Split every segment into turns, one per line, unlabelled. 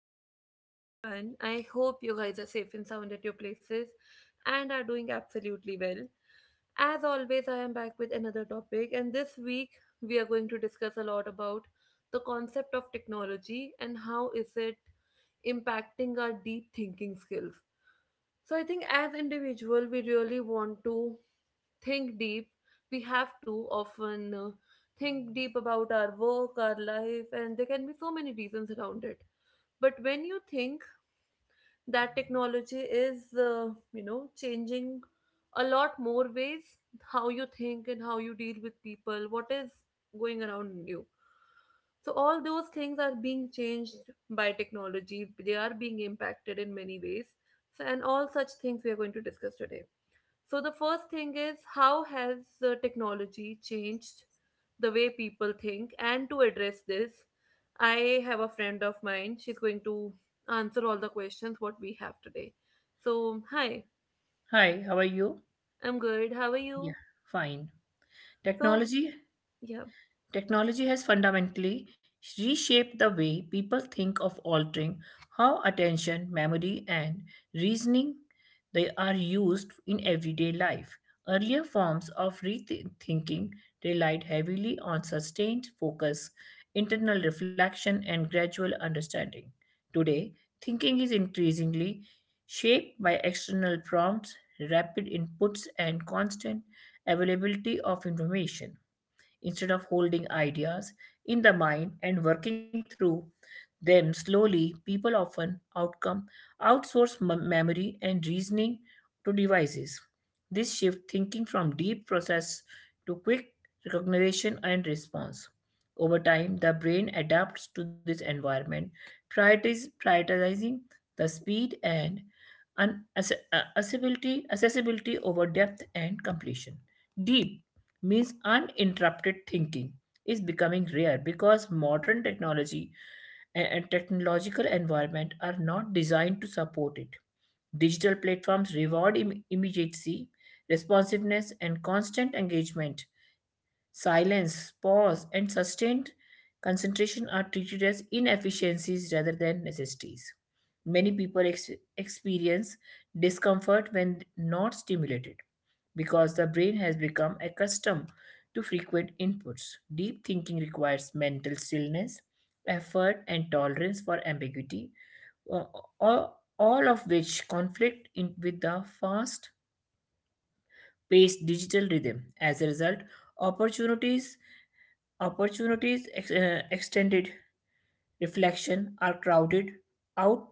good morning to everyone. I hope you guys are safe and sound at your places and are doing absolutely well. As always, I am back with another topic, and this week we are going to discuss a lot about the concept of technology and how is it impacting our deep thinking skills. So I think as individual, we really want to think deep. We have to often think deep about our work, our life, and there can be so many reasons around it. But when you think that technology is, changing a lot more ways, how you think and how you deal with people, what is going around you. So, all those things are being changed by technology, they are being impacted in many ways. So, and all such things we are going to discuss today. So the first thing is how has technology changed the way people think? And to address this, I have a friend of mine. She's going to answer all the questions what we have today. So hi,
Hi, how are you?
I'm good. How are
Yeah,
you?
fine.
So
Technology
yeah.
Technology has fundamentally reshaped the way people think of altering how attention, memory, and reasoning they are used in everyday life. Earlier forms of rethinking relied heavily on sustained focus, internal reflection, and gradual understanding. Today, thinking is increasingly shaped by external prompts, rapid inputs, and constant availability of information. Instead of holding ideas in the mind and working through them slowly, people often outcome outsource memory and reasoning to devices. This shift thinking from deep process to quick recognition and response. Over time, the brain adapts to this environment, prioritizing the speed and accessibility, accessibility over depth and completion. Deep means uninterrupted thinking is becoming rare because modern technology and technological environment are not designed to support it. Digital platforms reward immediacy, responsiveness, and constant engagement. Silence, pause, and sustained concentration are treated as inefficiencies rather than necessities. Many people experience discomfort when not stimulated because the brain has become accustomed to frequent inputs. Deep thinking requires mental stillness, effort, and tolerance for ambiguity, uh, all of which conflict with the fast paced digital rhythm. As a result, opportunities Opportunities extended reflection are crowded out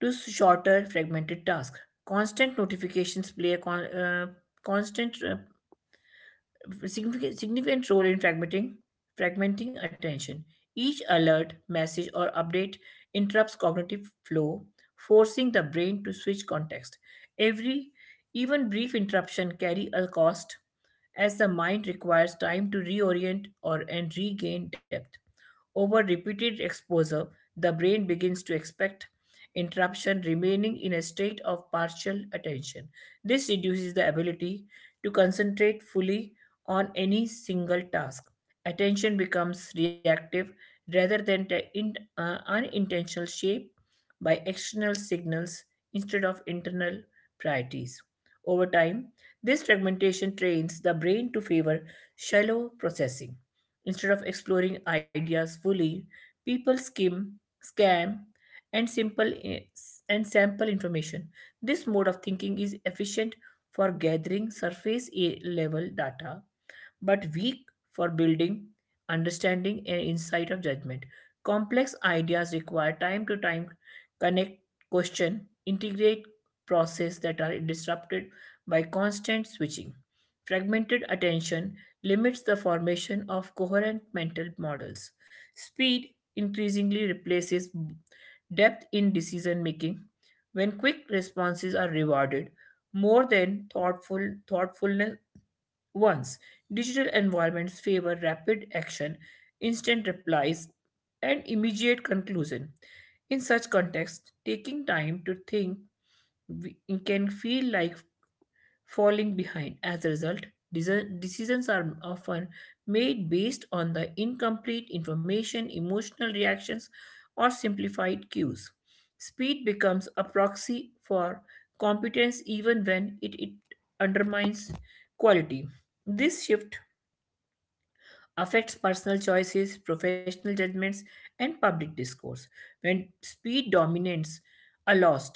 to shorter fragmented tasks. Constant notifications play a constant uh, significant role in fragmenting attention. Each alert, message, or update interrupts cognitive flow, forcing the brain to switch context. Every even brief interruption carry a cost as the mind requires time to reorient or and regain depth. Over repeated exposure, the brain begins to expect interruption, remaining in a state of partial attention. This reduces the ability to concentrate fully on any single task. Attention becomes reactive rather than unintentional shape by external signals instead of internal priorities. Over time, this fragmentation trains the brain to favor shallow processing. Instead of exploring ideas fully, people skim, scam, and simple and sample information. This mode of thinking is efficient for gathering surface level data but weak for building understanding and insight of judgment. Complex ideas require time connect, question, integrate process that are disrupted by constant switching. Fragmented attention limits the formation of coherent mental models. Speed increasingly replaces depth in decision making when quick responses are rewarded more than thoughtful once, digital environments favor rapid action, instant replies, and immediate conclusion. In such contexts, taking time to think we- can feel like falling behind. As a result, decisions are often made based on the incomplete information, emotional reactions, or simplified cues. Speed becomes a proxy for competence even when it undermines quality. This shift affects personal choices, professional judgments, and public discourse. When speed dominates, a loss.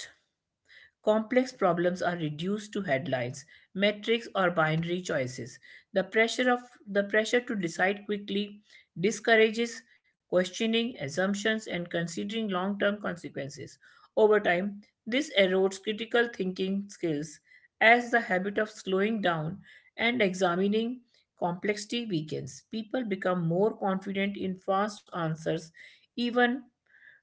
Complex problems are reduced to headlines, metrics, or binary choices. The pressure of the pressure to decide quickly discourages questioning assumptions and considering long-term consequences. Over time, this erodes critical thinking skills as the habit of slowing down and examining complexity weakens. People become more confident in fast answers even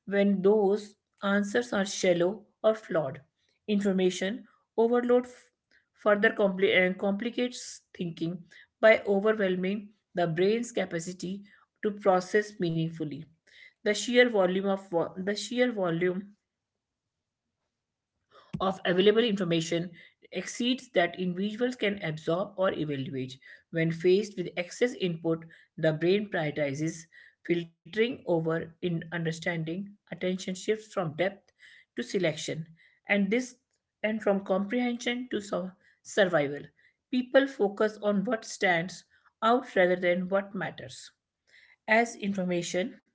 when those answers are shallow or flawed. Information overload complicates thinking by overwhelming the brain's capacity to process meaningfully. The sheer volume of available information exceeds that individuals can absorb or evaluate. When faced with excess input, the brain prioritizes filtering over in understanding. Attention shifts from depth to selection, and this and from comprehension to survival. People focus on what stands out rather than what matters. As information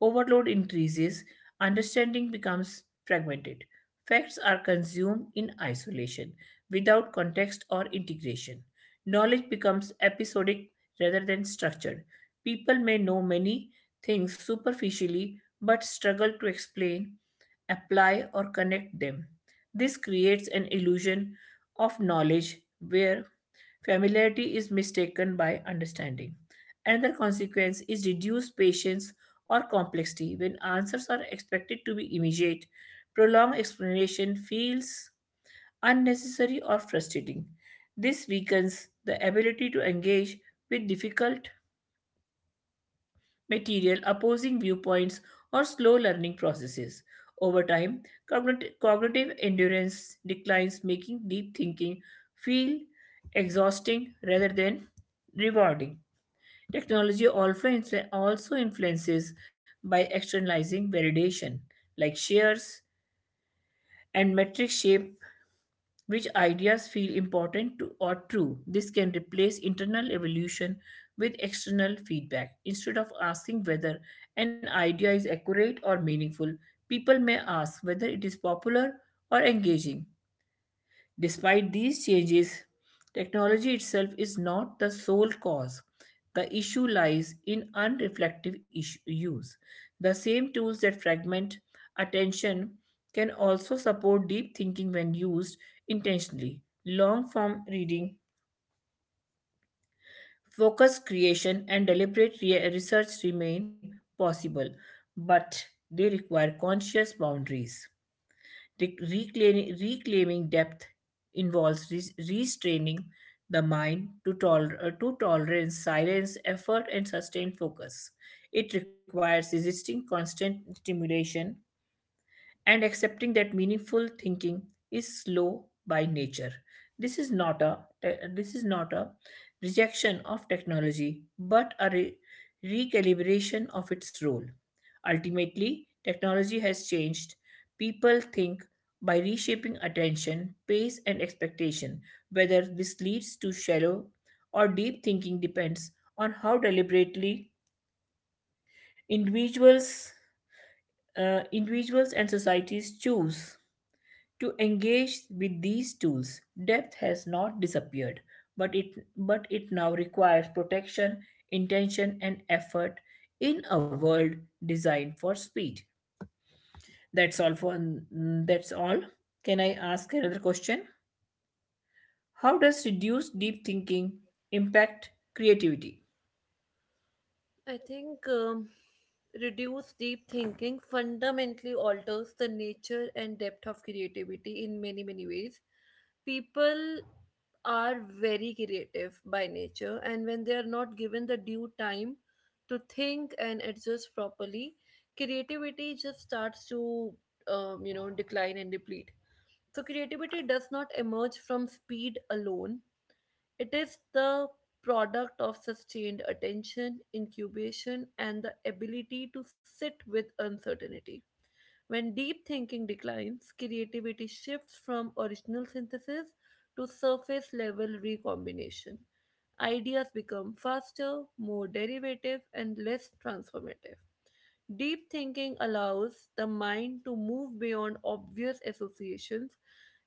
overload increases, understanding becomes fragmented. Facts are consumed in isolation, without context or integration. Knowledge becomes episodic rather than structured. People may know many things superficially but struggle to explain, apply, or connect them. This creates an illusion of knowledge where familiarity is mistaken by understanding. Another consequence is reduced patience or complexity when answers are expected to be immediate. Prolonged explanation feels unnecessary or frustrating. This weakens the ability to engage with difficult material, opposing viewpoints, or slow learning processes. Over time, cognitive endurance declines, making deep thinking feel exhausting rather than rewarding. Technology also influences by externalizing validation, like shares and metric shape which ideas feel important to or true. This can replace internal evolution with external feedback. Instead of asking whether an idea is accurate or meaningful, people may ask whether it is popular or engaging. Despite these changes, technology itself is not the sole cause. The issue lies in use. The same tools that fragment attention can also support deep thinking when used intentionally. Long form reading, focused creation, and deliberate research remain possible, but they require conscious boundaries. Reclaiming depth involves restraining the mind to tolerance, silence, effort, and sustained focus. It requires resisting constant stimulation and accepting that meaningful thinking is slow by nature. this is not a this is not a rejection of technology but a recalibration of its role. Ultimately, technology has changed people think by reshaping attention pace and expectation. Whether this leads to shallow or deep thinking depends on how deliberately individuals individuals and societies choose to engage with these tools. Depth has not disappeared, but but it now requires protection, intention, and effort in a world designed for speed. That's all. Can I ask another question? How does reduced deep thinking impact creativity?
I think reduced deep thinking fundamentally alters the nature and depth of creativity in many, many ways. People are very creative by nature, and when they are not given the due time to think and adjust properly, creativity just starts to, decline and deplete. So, creativity does not emerge from speed alone, it is the product of sustained attention, incubation, and the ability to sit with uncertainty. When deep thinking declines, creativity shifts from original synthesis to surface level recombination. Ideas become faster, more derivative, and less transformative. Deep thinking allows the mind to move beyond obvious associations.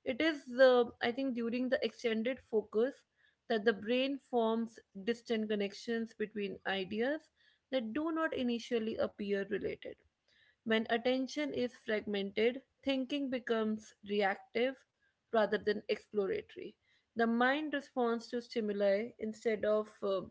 It is, I think, during the extended focus that the brain forms distant connections between ideas that do not initially appear related. When attention is fragmented, thinking becomes reactive rather than exploratory. The mind responds to stimuli instead of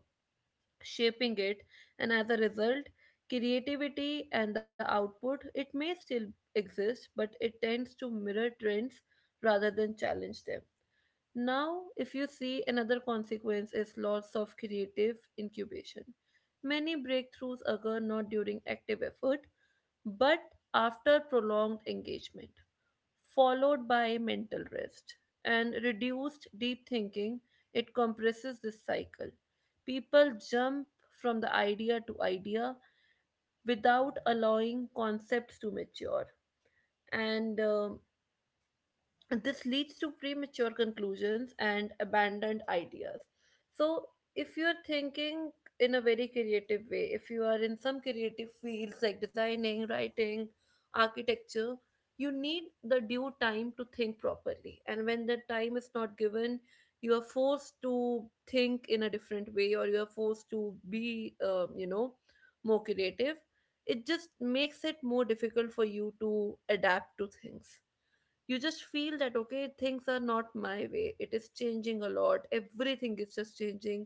shaping it. And as a result, creativity and the output it may still exist, but it tends to mirror trends rather than challenge them. Now if you see, another consequence is loss of creative incubation. Many breakthroughs occur not during active effort, but after prolonged engagement followed by mental rest, and reduced deep thinking, it compresses this cycle. People jump from the idea to idea without allowing concepts to mature, and this leads to premature conclusions and abandoned ideas. So if you are thinking in a very creative way, if you are in some creative fields like designing, writing, architecture, you need the due time to think properly, and when the time is not given, you are forced to think in a different way, or you are forced to be more creative. It just makes it more difficult for you to adapt to things. You just feel that okay, things are not my way, it is changing a lot, everything is just changing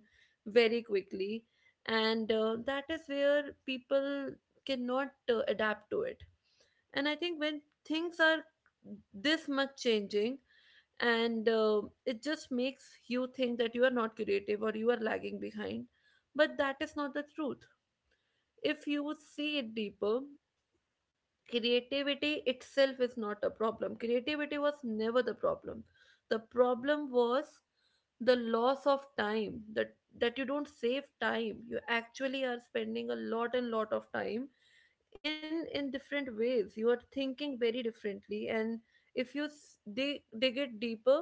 very quickly. And that is where people cannot adapt to it. And I think when things are this much changing, and it just makes you think that you are not creative or you are lagging behind, but that is not the truth. If you would see it deeper, creativity itself is not a problem, creativity was never the problem. The problem was the loss of time, that that you don't save time, you actually are spending a lot and lot of time in different ways, you are thinking very differently. And if you dig it deeper,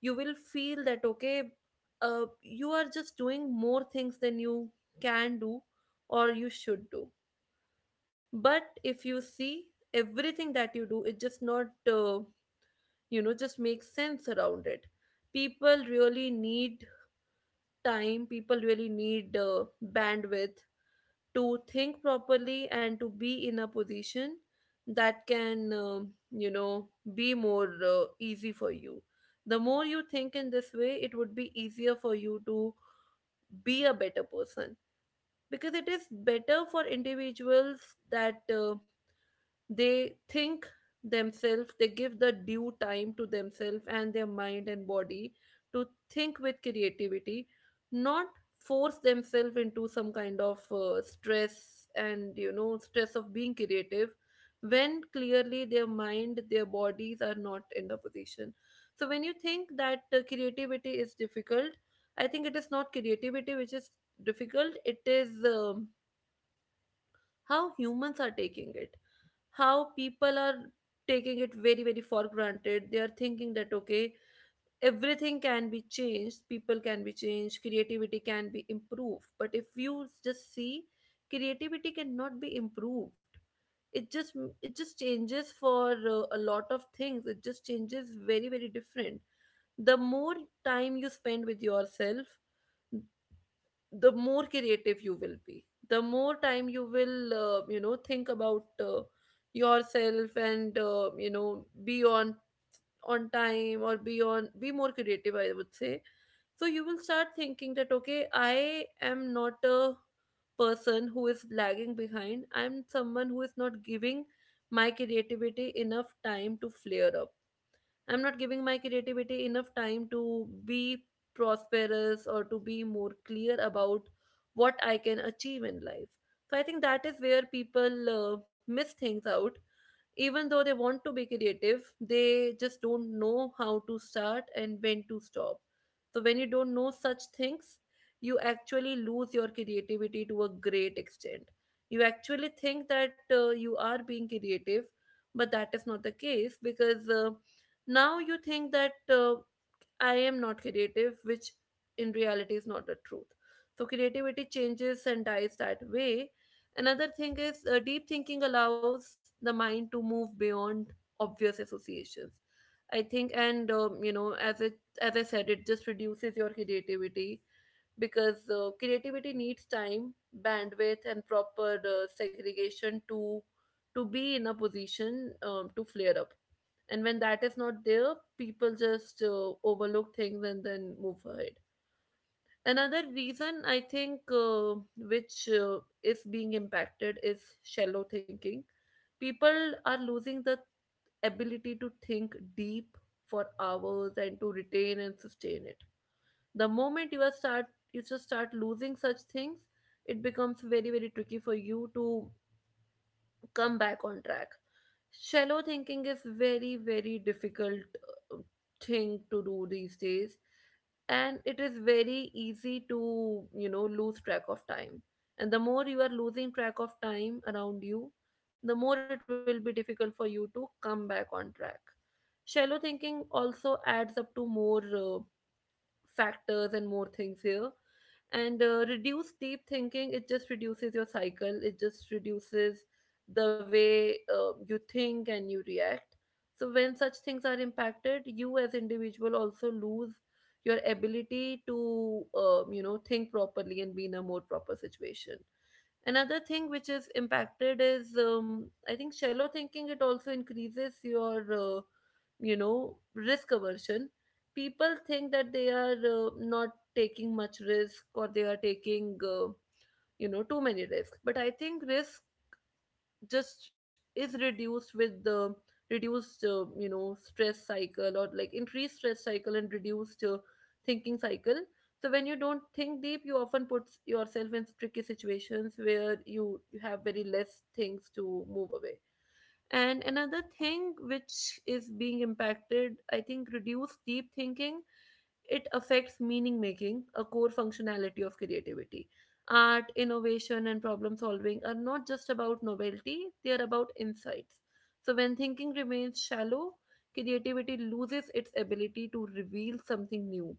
you will feel that okay, you are just doing more things than you can do or you should do. But if you see, everything that you do, it just not uh, just makes sense around it. People really need time, people really need bandwidth to think properly and to be in a position that can be more easy for you. The more you think in this way, it would be easier for you to be a better person, because it is better for individuals that they think themselves, they give the due time to themselves and their mind and body to think with creativity, not force themselves into some kind of stress, and you know, stress of being creative when clearly their mind, their bodies are not in the position. So when you think that creativity is difficult, I think it is not creativity which is difficult, it is how humans are taking it, how people are taking it very, very for granted. They are thinking that okay, everything can be changed, people can be changed, creativity can be improved. But if you just see, creativity cannot be improved, it just it just changes for a lot of things, it just changes very, very different. The more time you spend with yourself, the more creative you will be. The more time you will think about yourself and be on time, or be on, be more creative, I would say. So you will start thinking that okay, I am not a person who is lagging behind, I'm someone who is not giving my creativity enough time to flare up. I'm not giving my creativity enough time to be prosperous or to be more clear about what I can achieve in life. So I think that is where people miss things out. Even though they want to be creative, they just don't know how to start and when to stop. So when you don't know such things, you actually lose your creativity to a great extent. You actually think that you are being creative, but that is not the case, because now you think that I am not creative, which in reality is not the truth. So creativity changes and dies that way. Another thing is, deep thinking allows the mind to move beyond obvious associations. I think, and as I said, it just reduces your creativity, because creativity needs time, bandwidth, and proper segregation to be in a position to flare up. And when that is not there, people just overlook things and then move ahead. Another reason I think, which is being impacted is shallow thinking. People are losing the ability to think deep for hours and to retain and sustain it. The moment you are start you just start losing such things, it becomes very, very tricky for you to come back on track. Shallow thinking is very, very difficult uh, thing to do these days, and it is very easy to, you know, lose track of time. And the more you are losing track of time around you, the more it will be difficult for you to come back on track. Shallow thinking also adds up to more factors and more things here. And reduce deep thinking, it just reduces your cycle, it just reduces the way you think and you react. So when such things are impacted, you as individual also lose your ability to, you know, think properly and be in a more proper situation. Another thing which is impacted is, I think shallow thinking, it also increases your you know, risk aversion. People think that they are not taking much risk, or they are taking too many risks. But I think risk just is reduced with the reduced you know, stress cycle, or like increased stress cycle and reduced thinking cycle. So when you don't think deep, you often put yourself in tricky situations where you have very less things to move away. And another thing which is being impacted, I think, reduced deep thinking, it affects meaning making, a core functionality of creativity. Art, innovation, and problem solving are not just about novelty, they are about insights. So, when thinking remains shallow, creativity loses its ability to reveal something new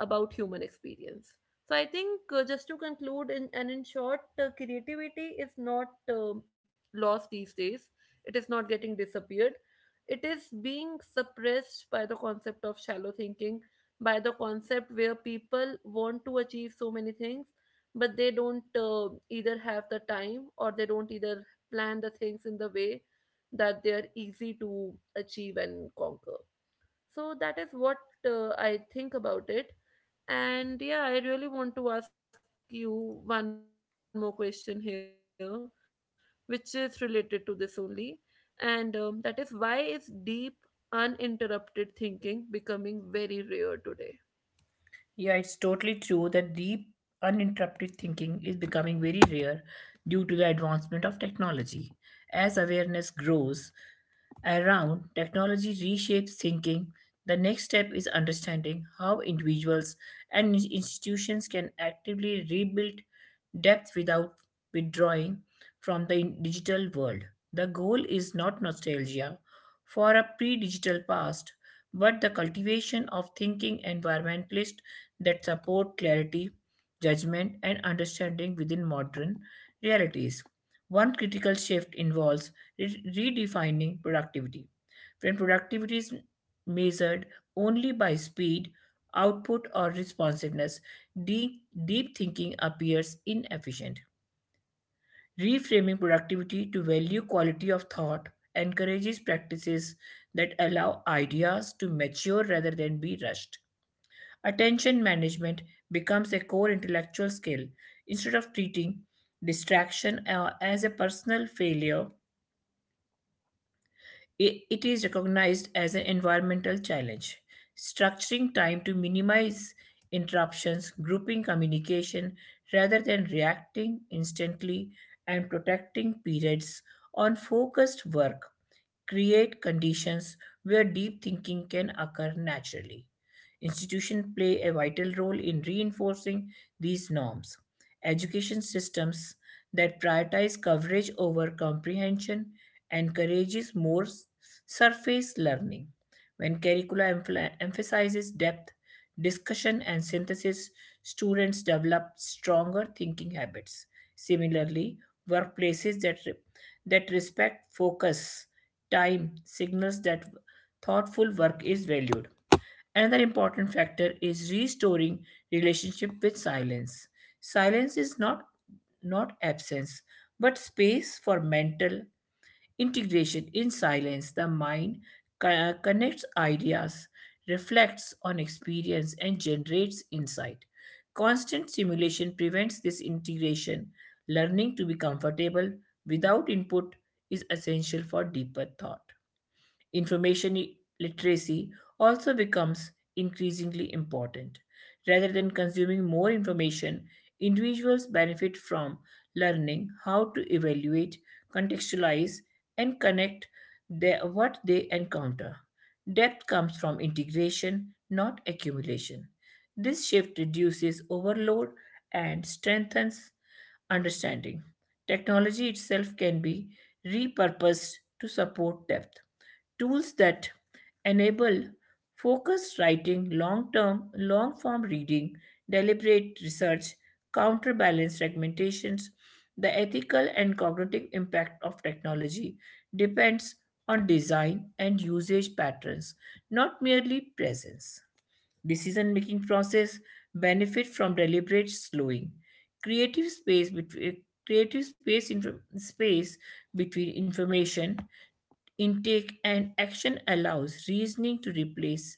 about human experience. So I think, just to conclude in short, creativity is not lost these days. It is not getting disappeared. It is being suppressed by the concept of shallow thinking, by the concept where people want to achieve so many things, but they don't either have the time, or they don't either plan the things in the way that they are easy to achieve and conquer. So that is what I think about it. And yeah, I really want to ask you one more question here, which is related to this only. And that is, why is deep, uninterrupted thinking becoming very rare today?
Yeah, it's totally true that deep uninterrupted thinking is becoming very rare due to the advancement of technology. As awareness grows around technology reshapes thinking, the next step is understanding how individuals and institutions can actively rebuild depth without withdrawing from the digital world. The goal is not nostalgia for a pre digital past, but the cultivation of thinking environmentalists that support clarity, judgment, and understanding within modern realities. One critical shift involves redefining productivity. When productivity is measured only by speed, output, or responsiveness, deep thinking appears inefficient. Reframing productivity to value quality of thought encourages practices that allow ideas to mature rather than be rushed. Attention management becomes a core intellectual skill. Instead of treating distraction as a personal failure, it is recognized as an environmental challenge. Structuring time to minimize interruptions, grouping communication rather than reacting instantly, and protecting periods on focused work create conditions where deep thinking can occur naturally. Institutions play a vital role in reinforcing these norms. Education systems that prioritize coverage over comprehension encourages more surface learning. When curricula emphasizes depth, discussion, and synthesis, students develop stronger thinking habits. Similarly, workplaces that respect focus, time, signals that thoughtful work is valued. Another important factor is restoring relationship with silence. Silence is not absence, but space for mental integration. In silence, the mind connects ideas, reflects on experience, and generates insight. Constant stimulation prevents this integration. Learning to be comfortable without input is essential for deeper thought. Information literacy also becomes increasingly important. Rather than consuming more information, individuals benefit from learning how to evaluate, contextualize, and connect what they encounter. Depth comes from integration, not accumulation. This shift reduces overload and strengthens understanding. Technology itself can be repurposed to support depth tools that enable focused writing, long-form reading, deliberate research, counterbalance fragmentations. The ethical and cognitive impact of technology depends on design and usage patterns, not merely presence. Decision making process benefit from deliberate slowing. Creative space between creative space space between information intake and action allows reasoning to replace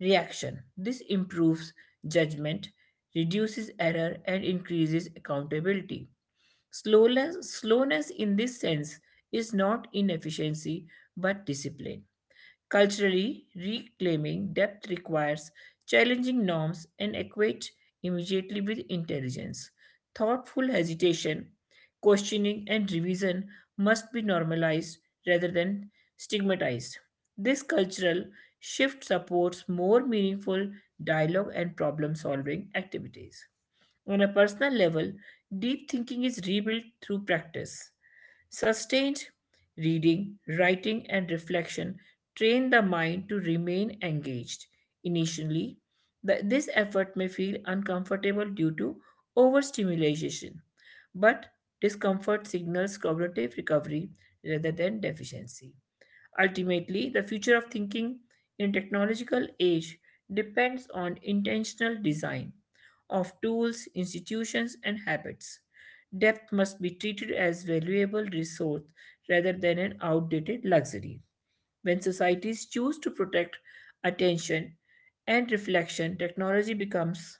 reaction. This improves judgment, reduces error, and increases accountability. Slowness in this sense is not inefficiency but discipline. Culturally, reclaiming depth requires challenging norms and equate immediately with intelligence. Thoughtful hesitation, questioning, and revision must be normalized rather than stigmatized. This cultural shift supports more meaningful dialogue and problem solving activities. On a personal level, deep thinking is rebuilt through practice. Sustained reading, writing, and reflection train the mind to remain engaged. Initially, this effort may feel uncomfortable due to overstimulation, but discomfort signals cognitive recovery rather than deficiency. Ultimately, the future of thinking in technological age depends on intentional design of tools, institutions, and habits. Depth must be treated as valuable resource rather than an outdated luxury. When societies choose to protect attention and reflection, technology becomes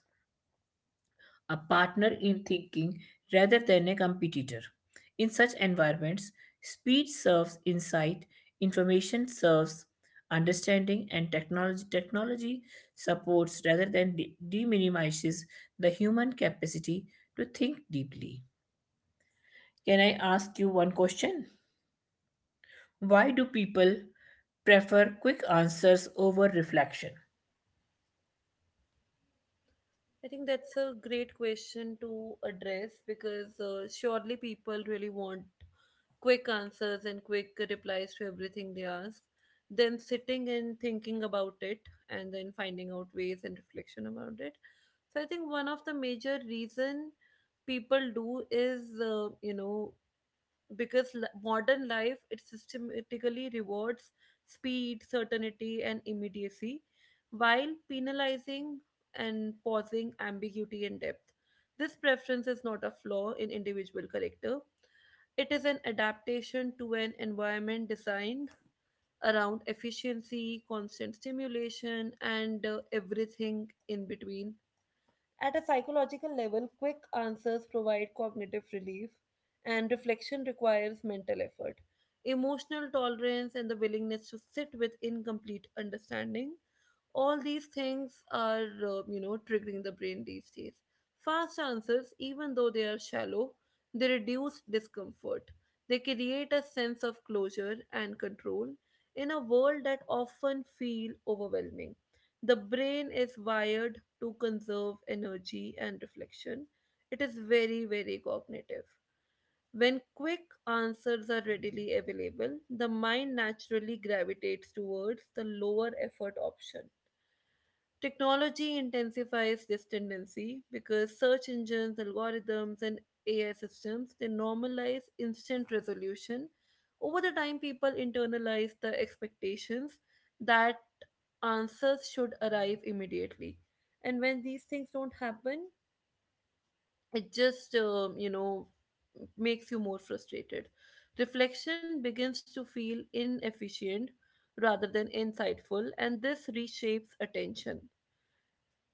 a partner in thinking rather than a competitor. In such environments, speed serves insight, information serves understanding, and technology supports rather than minimizes the human capacity to think deeply. Can I ask you one question? Why do people prefer quick answers over reflection?
I think that's a great question to address, because surely people really want quick answers and quick replies to everything they ask. Then sitting and thinking about it and then finding out ways and reflection about it. So I think one of the major reason people do is because modern life it systematically rewards speed certainty and immediacy while penalizing and pausing ambiguity and depth. This preference is not a flaw in individual character. It is an adaptation to an environment designed around efficiency, constant stimulation, and everything in between. At a psychological level, quick answers provide cognitive relief, and reflection requires mental effort. Emotional tolerance and the willingness to sit with incomplete understanding. All these things are, triggering the brain these days. Fast answers, even though they are shallow, they reduce discomfort. They create a sense of closure and control in a world that often feel overwhelming. The brain is wired to conserve energy and reflection. It is very, very cognitive. When quick answers are readily available, the mind naturally gravitates towards the lower effort option. Technology intensifies this tendency because search engines, algorithms, and AI systems they normalize instant resolution. Over the time, people internalize the expectations that answers should arrive immediately, and when these things don't happen, it just makes you more frustrated. Reflection begins to feel inefficient rather than insightful, and this reshapes attention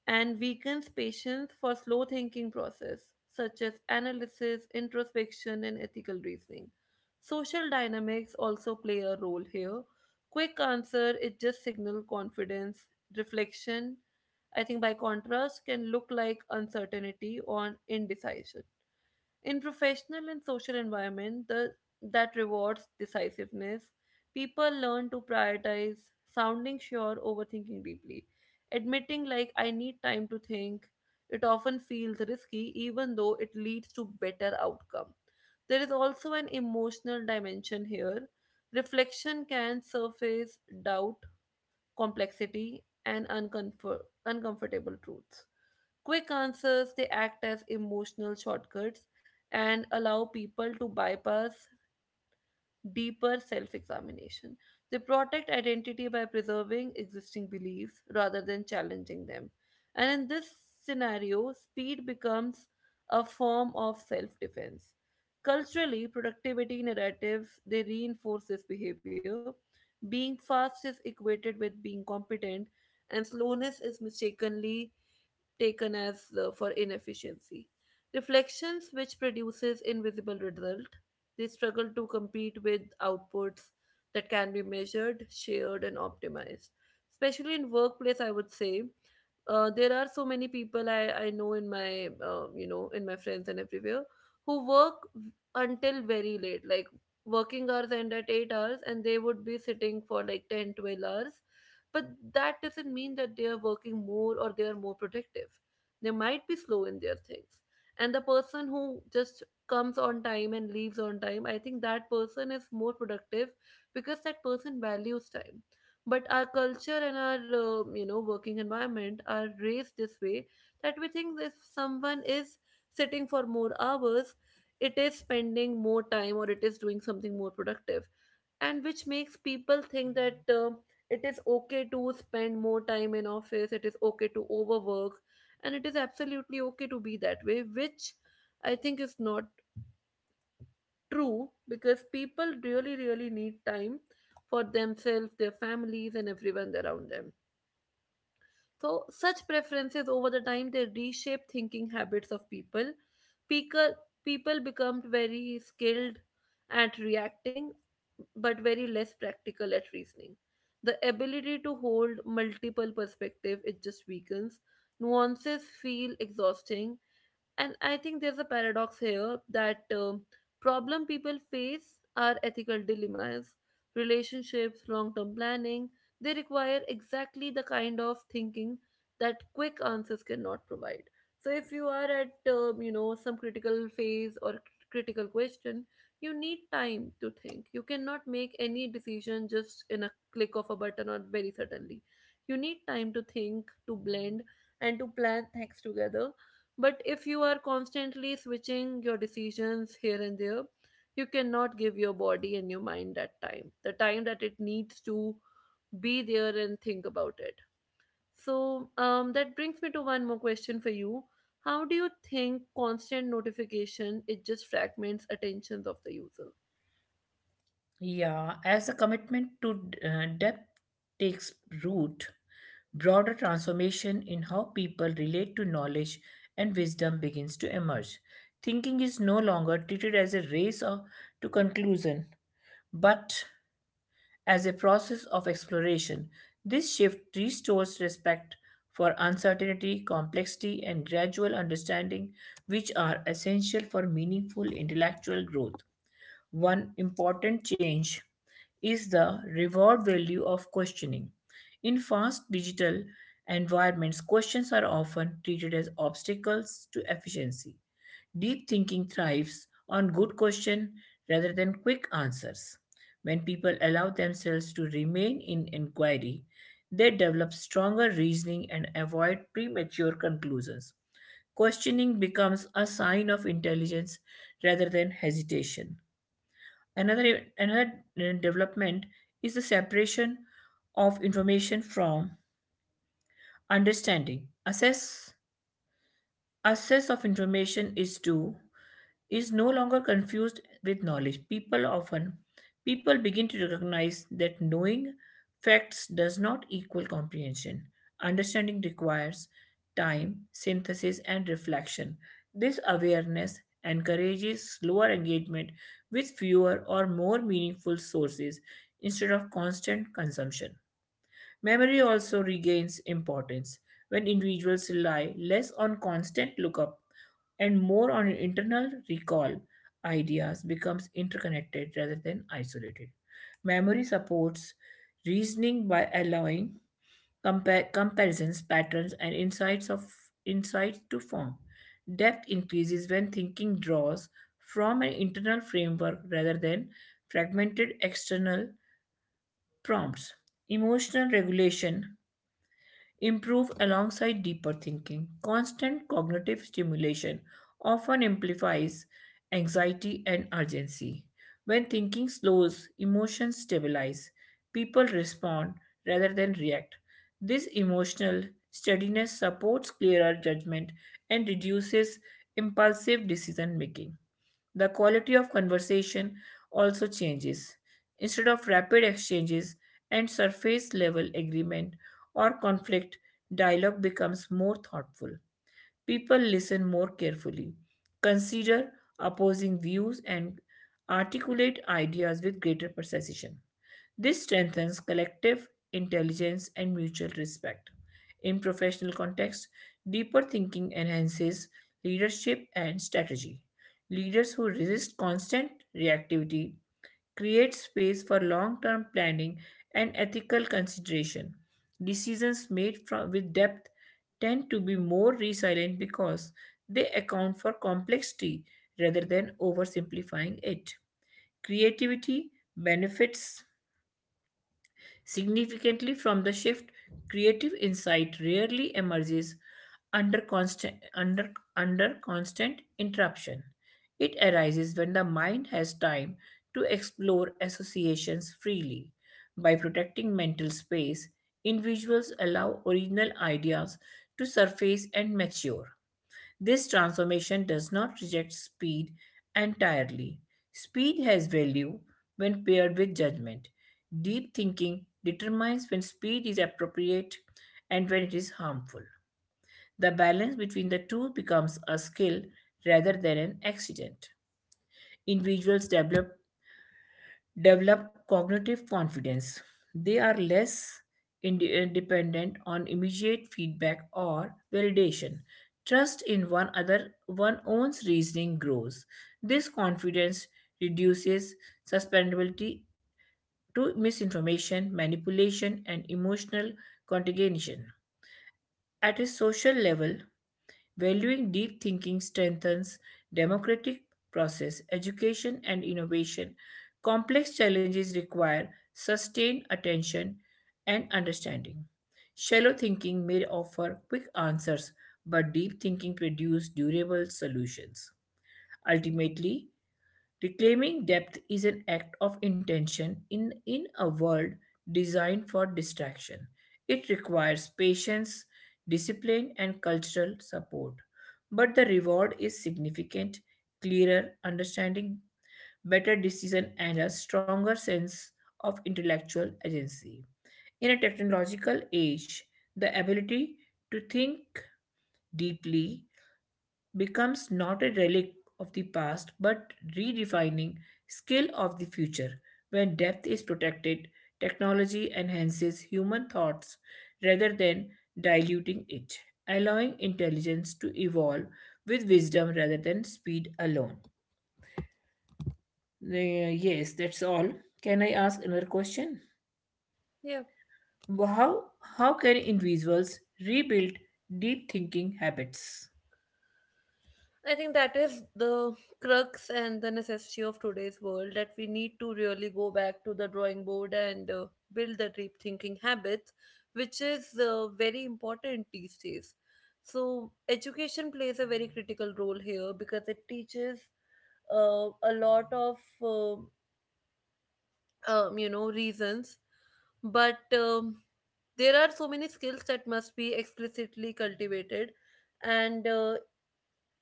and weakens patience for slow thinking process such as analysis, introspection and ethical reasoning. Social dynamics also play a role here. Quick answer it just signal confidence, reflection I think by contrast can look like uncertainty or indecision. In professional and social environment that rewards decisiveness, people learn to prioritize sounding sure over thinking deeply. Admitting like I need time to think, it often feels risky even though it leads to better outcome. There is also an emotional dimension here. Reflection can surface doubt, complexity, and uncomfortable truths. Quick answers, they act as emotional shortcuts and allow people to bypass deeper self examination. They protect identity by preserving existing beliefs rather than challenging them. And in this scenario, speed becomes a form of self defense. Culturally, productivity narratives they reinforce this behavior. Being fast is equated with being competent, and slowness is mistakenly taken as for inefficiency. Reflections which produces invisible result. They struggle to compete with outputs that can be measured, shared, and optimized. Especially in workplace, I would say there are so many people I know in my in my friends and everywhere who work until very late, like working hours end at 8 hours, and they would be sitting for like 10-12 hours, but that doesn't mean that they are working more or they are more productive. They might be slow in their things, and the person who just comes on time and leaves on time, I think that person is more productive because that person values time. But our culture and our working environment are raised this way, that we think if someone is sitting for more hours it is spending more time or it is doing something more productive, and which makes people think that it is okay to spend more time in office, it is okay to overwork, and it is absolutely okay to be that way, which I think is not true because people really really need time for themselves, their families and everyone around them. So, such preferences over the time they reshape thinking habits of people. People, people become very skilled at reacting, but very less practical at reasoning. The ability to hold multiple perspectives it just weakens. Nuances feel exhausting, and I think there's a paradox here that problem people face are ethical dilemmas, relationships, long-term planning. They require exactly the kind of thinking that quick answers cannot provide. So if you are at some critical phase or critical question, you need time to think. You cannot make any decision just in a click of a button or very suddenly. You need time to think, to blend, and to plan things together. But if you are constantly switching your decisions here and there, you cannot give your body and your mind that time, the time that it needs to be there and think about it. So that brings me to one more question for you. How do you think constant notification it just fragments attentions of the user?
Yeah, as a commitment to depth takes root, broader transformation in how people relate to knowledge and wisdom begins to emerge. Thinking is no longer treated as a race or to conclusion, but as a process of exploration. This shift restores respect for uncertainty, complexity, and gradual understanding, which are essential for meaningful intellectual growth. One important change is the reward value of questioning. In fast digital environments, questions are often treated as obstacles to efficiency. Deep thinking thrives on good question rather than quick answers. When people allow themselves to remain in inquiry, they develop stronger reasoning and avoid premature conclusions. Questioning becomes a sign of intelligence rather than hesitation. Another development is the separation of information from understanding. Assess of information is due is no longer confused with knowledge. People begin to recognize that knowing facts does not equal comprehension. Understanding requires time, synthesis, and reflection. This awareness encourages slower engagement with fewer or more meaningful sources instead of constant consumption. Memory also regains importance when individuals rely less on constant lookup and more on internal recall. Ideas becomes interconnected rather than isolated. Memory supports reasoning by allowing comparisons, patterns, and insights to form. Depth increases when thinking draws from an internal framework rather than fragmented external prompts. Emotional regulation improve alongside deeper thinking. Constant cognitive stimulation often amplifies anxiety and urgency. When thinking slows, emotions stabilize. People respond rather than react. This emotional steadiness supports clearer judgment and reduces impulsive decision making. The quality of conversation also changes. Instead of rapid exchanges and surface level agreement, or conflict, dialogue becomes more thoughtful. People listen more carefully, consider opposing views, and articulate ideas with greater precision. This strengthens collective intelligence and mutual respect. In professional context, deeper thinking enhances leadership and strategy. Leaders who resist constant reactivity create space for long term planning and ethical consideration. Decisions made with depth tend to be more resilient because they account for complexity rather than oversimplifying it. Creativity benefits significantly from the shift, creative insight rarely emerges under constant interruption. It arises when the mind has time to explore associations freely. By protecting mental space, individuals allow original ideas to surface and mature. This transformation does not reject speed entirely. Speed has value when paired with judgment. Deep thinking determines when speed is appropriate and when it is harmful. The balance between the two becomes a skill rather than an accident. Individuals develop cognitive confidence. They are less dependent on immediate feedback or validation. Trust in one own's reasoning grows. This confidence reduces susceptibility to misinformation, manipulation, and emotional contagion. At a social level, valuing deep thinking strengthens democratic process, education, and innovation. Complex challenges require sustained attention and understanding. Shallow thinking may offer quick answers, but deep thinking produces durable solutions. Ultimately, reclaiming depth is an act of intention in a world designed for distraction. It requires patience, discipline, and cultural support. But the reward is significant, clearer understanding, better decision, and a stronger sense of intellectual agency. In a technological age, the ability to think deeply becomes not a relic of the past but redefining skill of the future. When depth is protected, technology enhances human thoughts rather than diluting it, allowing intelligence to evolve with wisdom rather than speed alone. Yes, that's all. Can I ask another question?
Yeah.
How how can individuals rebuild deep thinking habits?
I think that is the crux and the necessity of today's world, that we need to really go back to the drawing board and build the deep thinking habits, which is very important these days. So, education plays a very critical role here because it teaches a lot of, um you know, reasons, but there are so many skills that must be explicitly cultivated and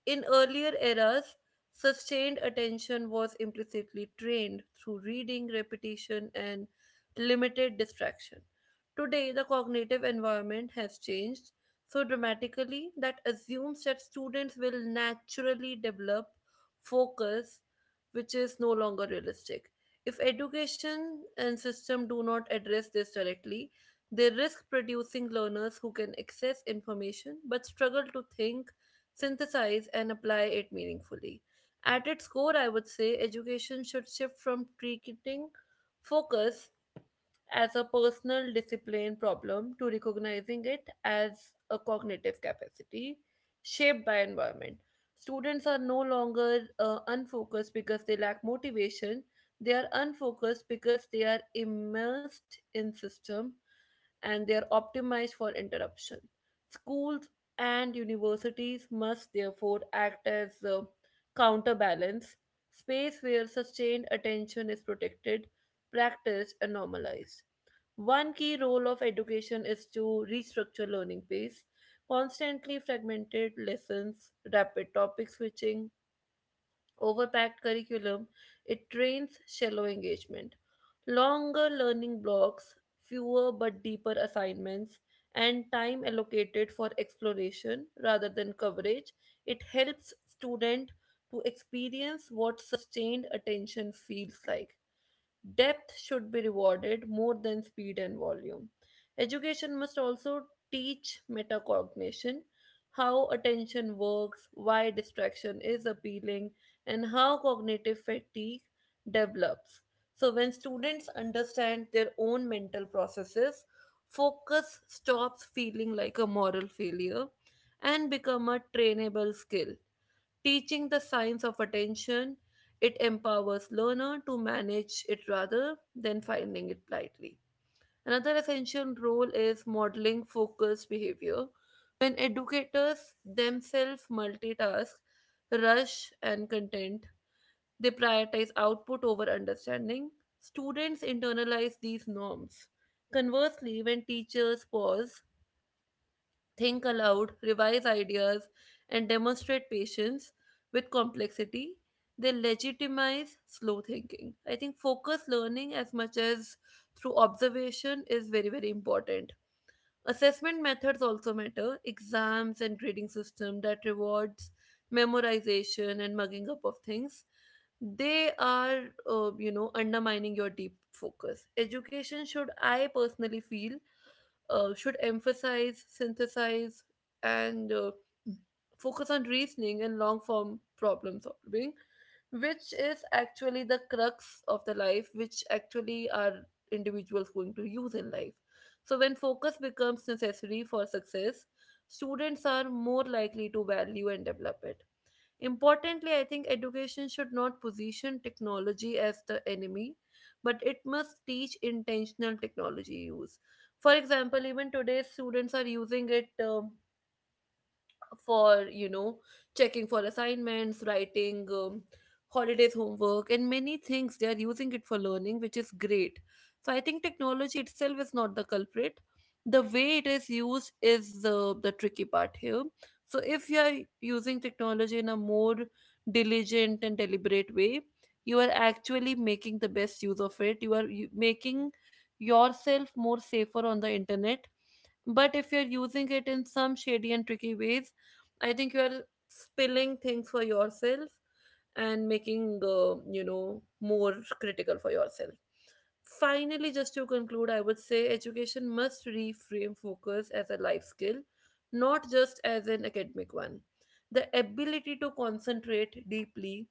in earlier eras, sustained attention was implicitly trained through reading, repetition, and limited distraction. Today, the cognitive environment has changed so dramatically that assumes that students will naturally develop focus, which is no longer realistic. If education and system do not address this directly, they risk producing learners who can access information but struggle to think, synthesize and apply it meaningfully. At its core, I would say education should shift from treating focus as a personal discipline problem to recognizing it as a cognitive capacity shaped by environment. Students are no longer unfocused because they lack motivation. They are unfocused because they are immersed in system and they are optimized for interruption. Schools and universities must therefore act as a counterbalance, space where sustained attention is protected, practiced, and normalized. One key role of education is to restructure learning pace. Constantly fragmented lessons, rapid topic switching, overpacked curriculum, it trains shallow engagement. Longer learning blocks, fewer but deeper assignments, and time allocated for exploration rather than coverage, it helps student to experience what sustained attention feels like. Depth should be rewarded more than speed and volume. Education must also teach metacognition, how attention works, why distraction is appealing, and how cognitive fatigue develops. So, when students understand their own mental processes, focus stops feeling like a moral failure and become a trainable skill. Teaching the science of attention, it empowers learner to manage it rather than finding it blindly. Another essential role is modeling focused behavior. When educators themselves multitask, rush, and content, they prioritize output over understanding. Students internalize these norms. Conversely, when teachers pause, think aloud, revise ideas, and demonstrate patience with complexity. They legitimize slow thinking. I think focus learning as much as through observation is very, very important. Assessment methods also matter. Exams and grading system that rewards memorization and mugging up of things, they are undermining your deep focus. Education should, I personally feel should emphasize, synthesize, and focus on reasoning and long form problem solving, which is actually the crux of the life, which actually are individuals going to use in life. So, when focus becomes necessary for success, students are more likely to value and develop it. Importantly, I think education should not position technology as the enemy, but it must teach intentional technology use. For example, even today, students are using it. For checking for assignments, writing, holidays homework and many things, they are using it for learning, which is great. So I think technology itself is not the culprit, the way it is used is the tricky part here. So if you are using technology in a more diligent and deliberate way, you are actually making the best use of it. You are making yourself more safer on the internet, but if you're using it in some shady and tricky ways, I think you're spilling things for yourself and making, more critical for yourself. Finally, just to conclude, I would say education must reframe focus as a life skill, not just as an academic one. The ability to concentrate deeply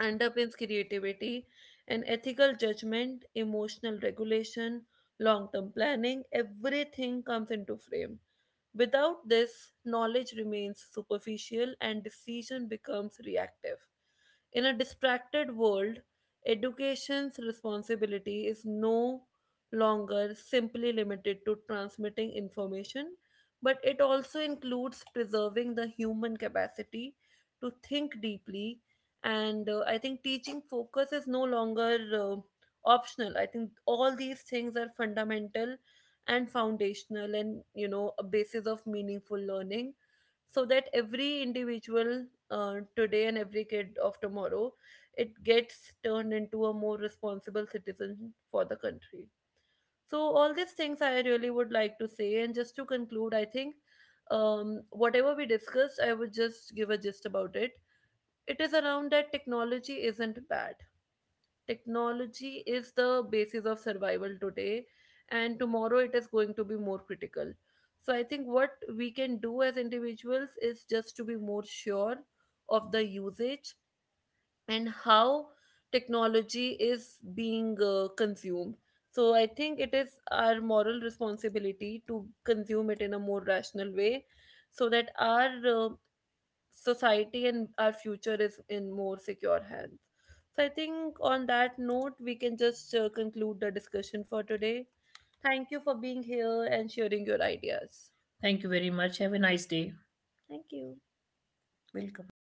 underpins creativity and ethical judgment, emotional regulation, long term planning, everything comes into frame. Without this, knowledge remains superficial and decision becomes reactive. In a distracted world, education's responsibility is no longer simply limited to transmitting information, but it also includes preserving the human capacity to think deeply, and I think teaching focus is no longer optional. I think all these things are fundamental and foundational and, you know, a basis of meaningful learning, so that every individual today and every kid of tomorrow, it gets turned into a more responsible citizen for the country. So all these things I really would like to say, and just to conclude I think whatever we discussed I would just give a gist about it. It is around that technology isn't bad. Technology is the basis of survival today, and tomorrow it is going to be more critical. So, I think what we can do as individuals is just to be more sure of the usage and how technology is being consumed. So, I think it is our moral responsibility to consume it in a more rational way so that our society and our future is in more secure hands. So I think on that note, we can just conclude the discussion for today. Thank you for being here and sharing your ideas.
Thank you very much. Have a nice day.
Thank you.
Welcome.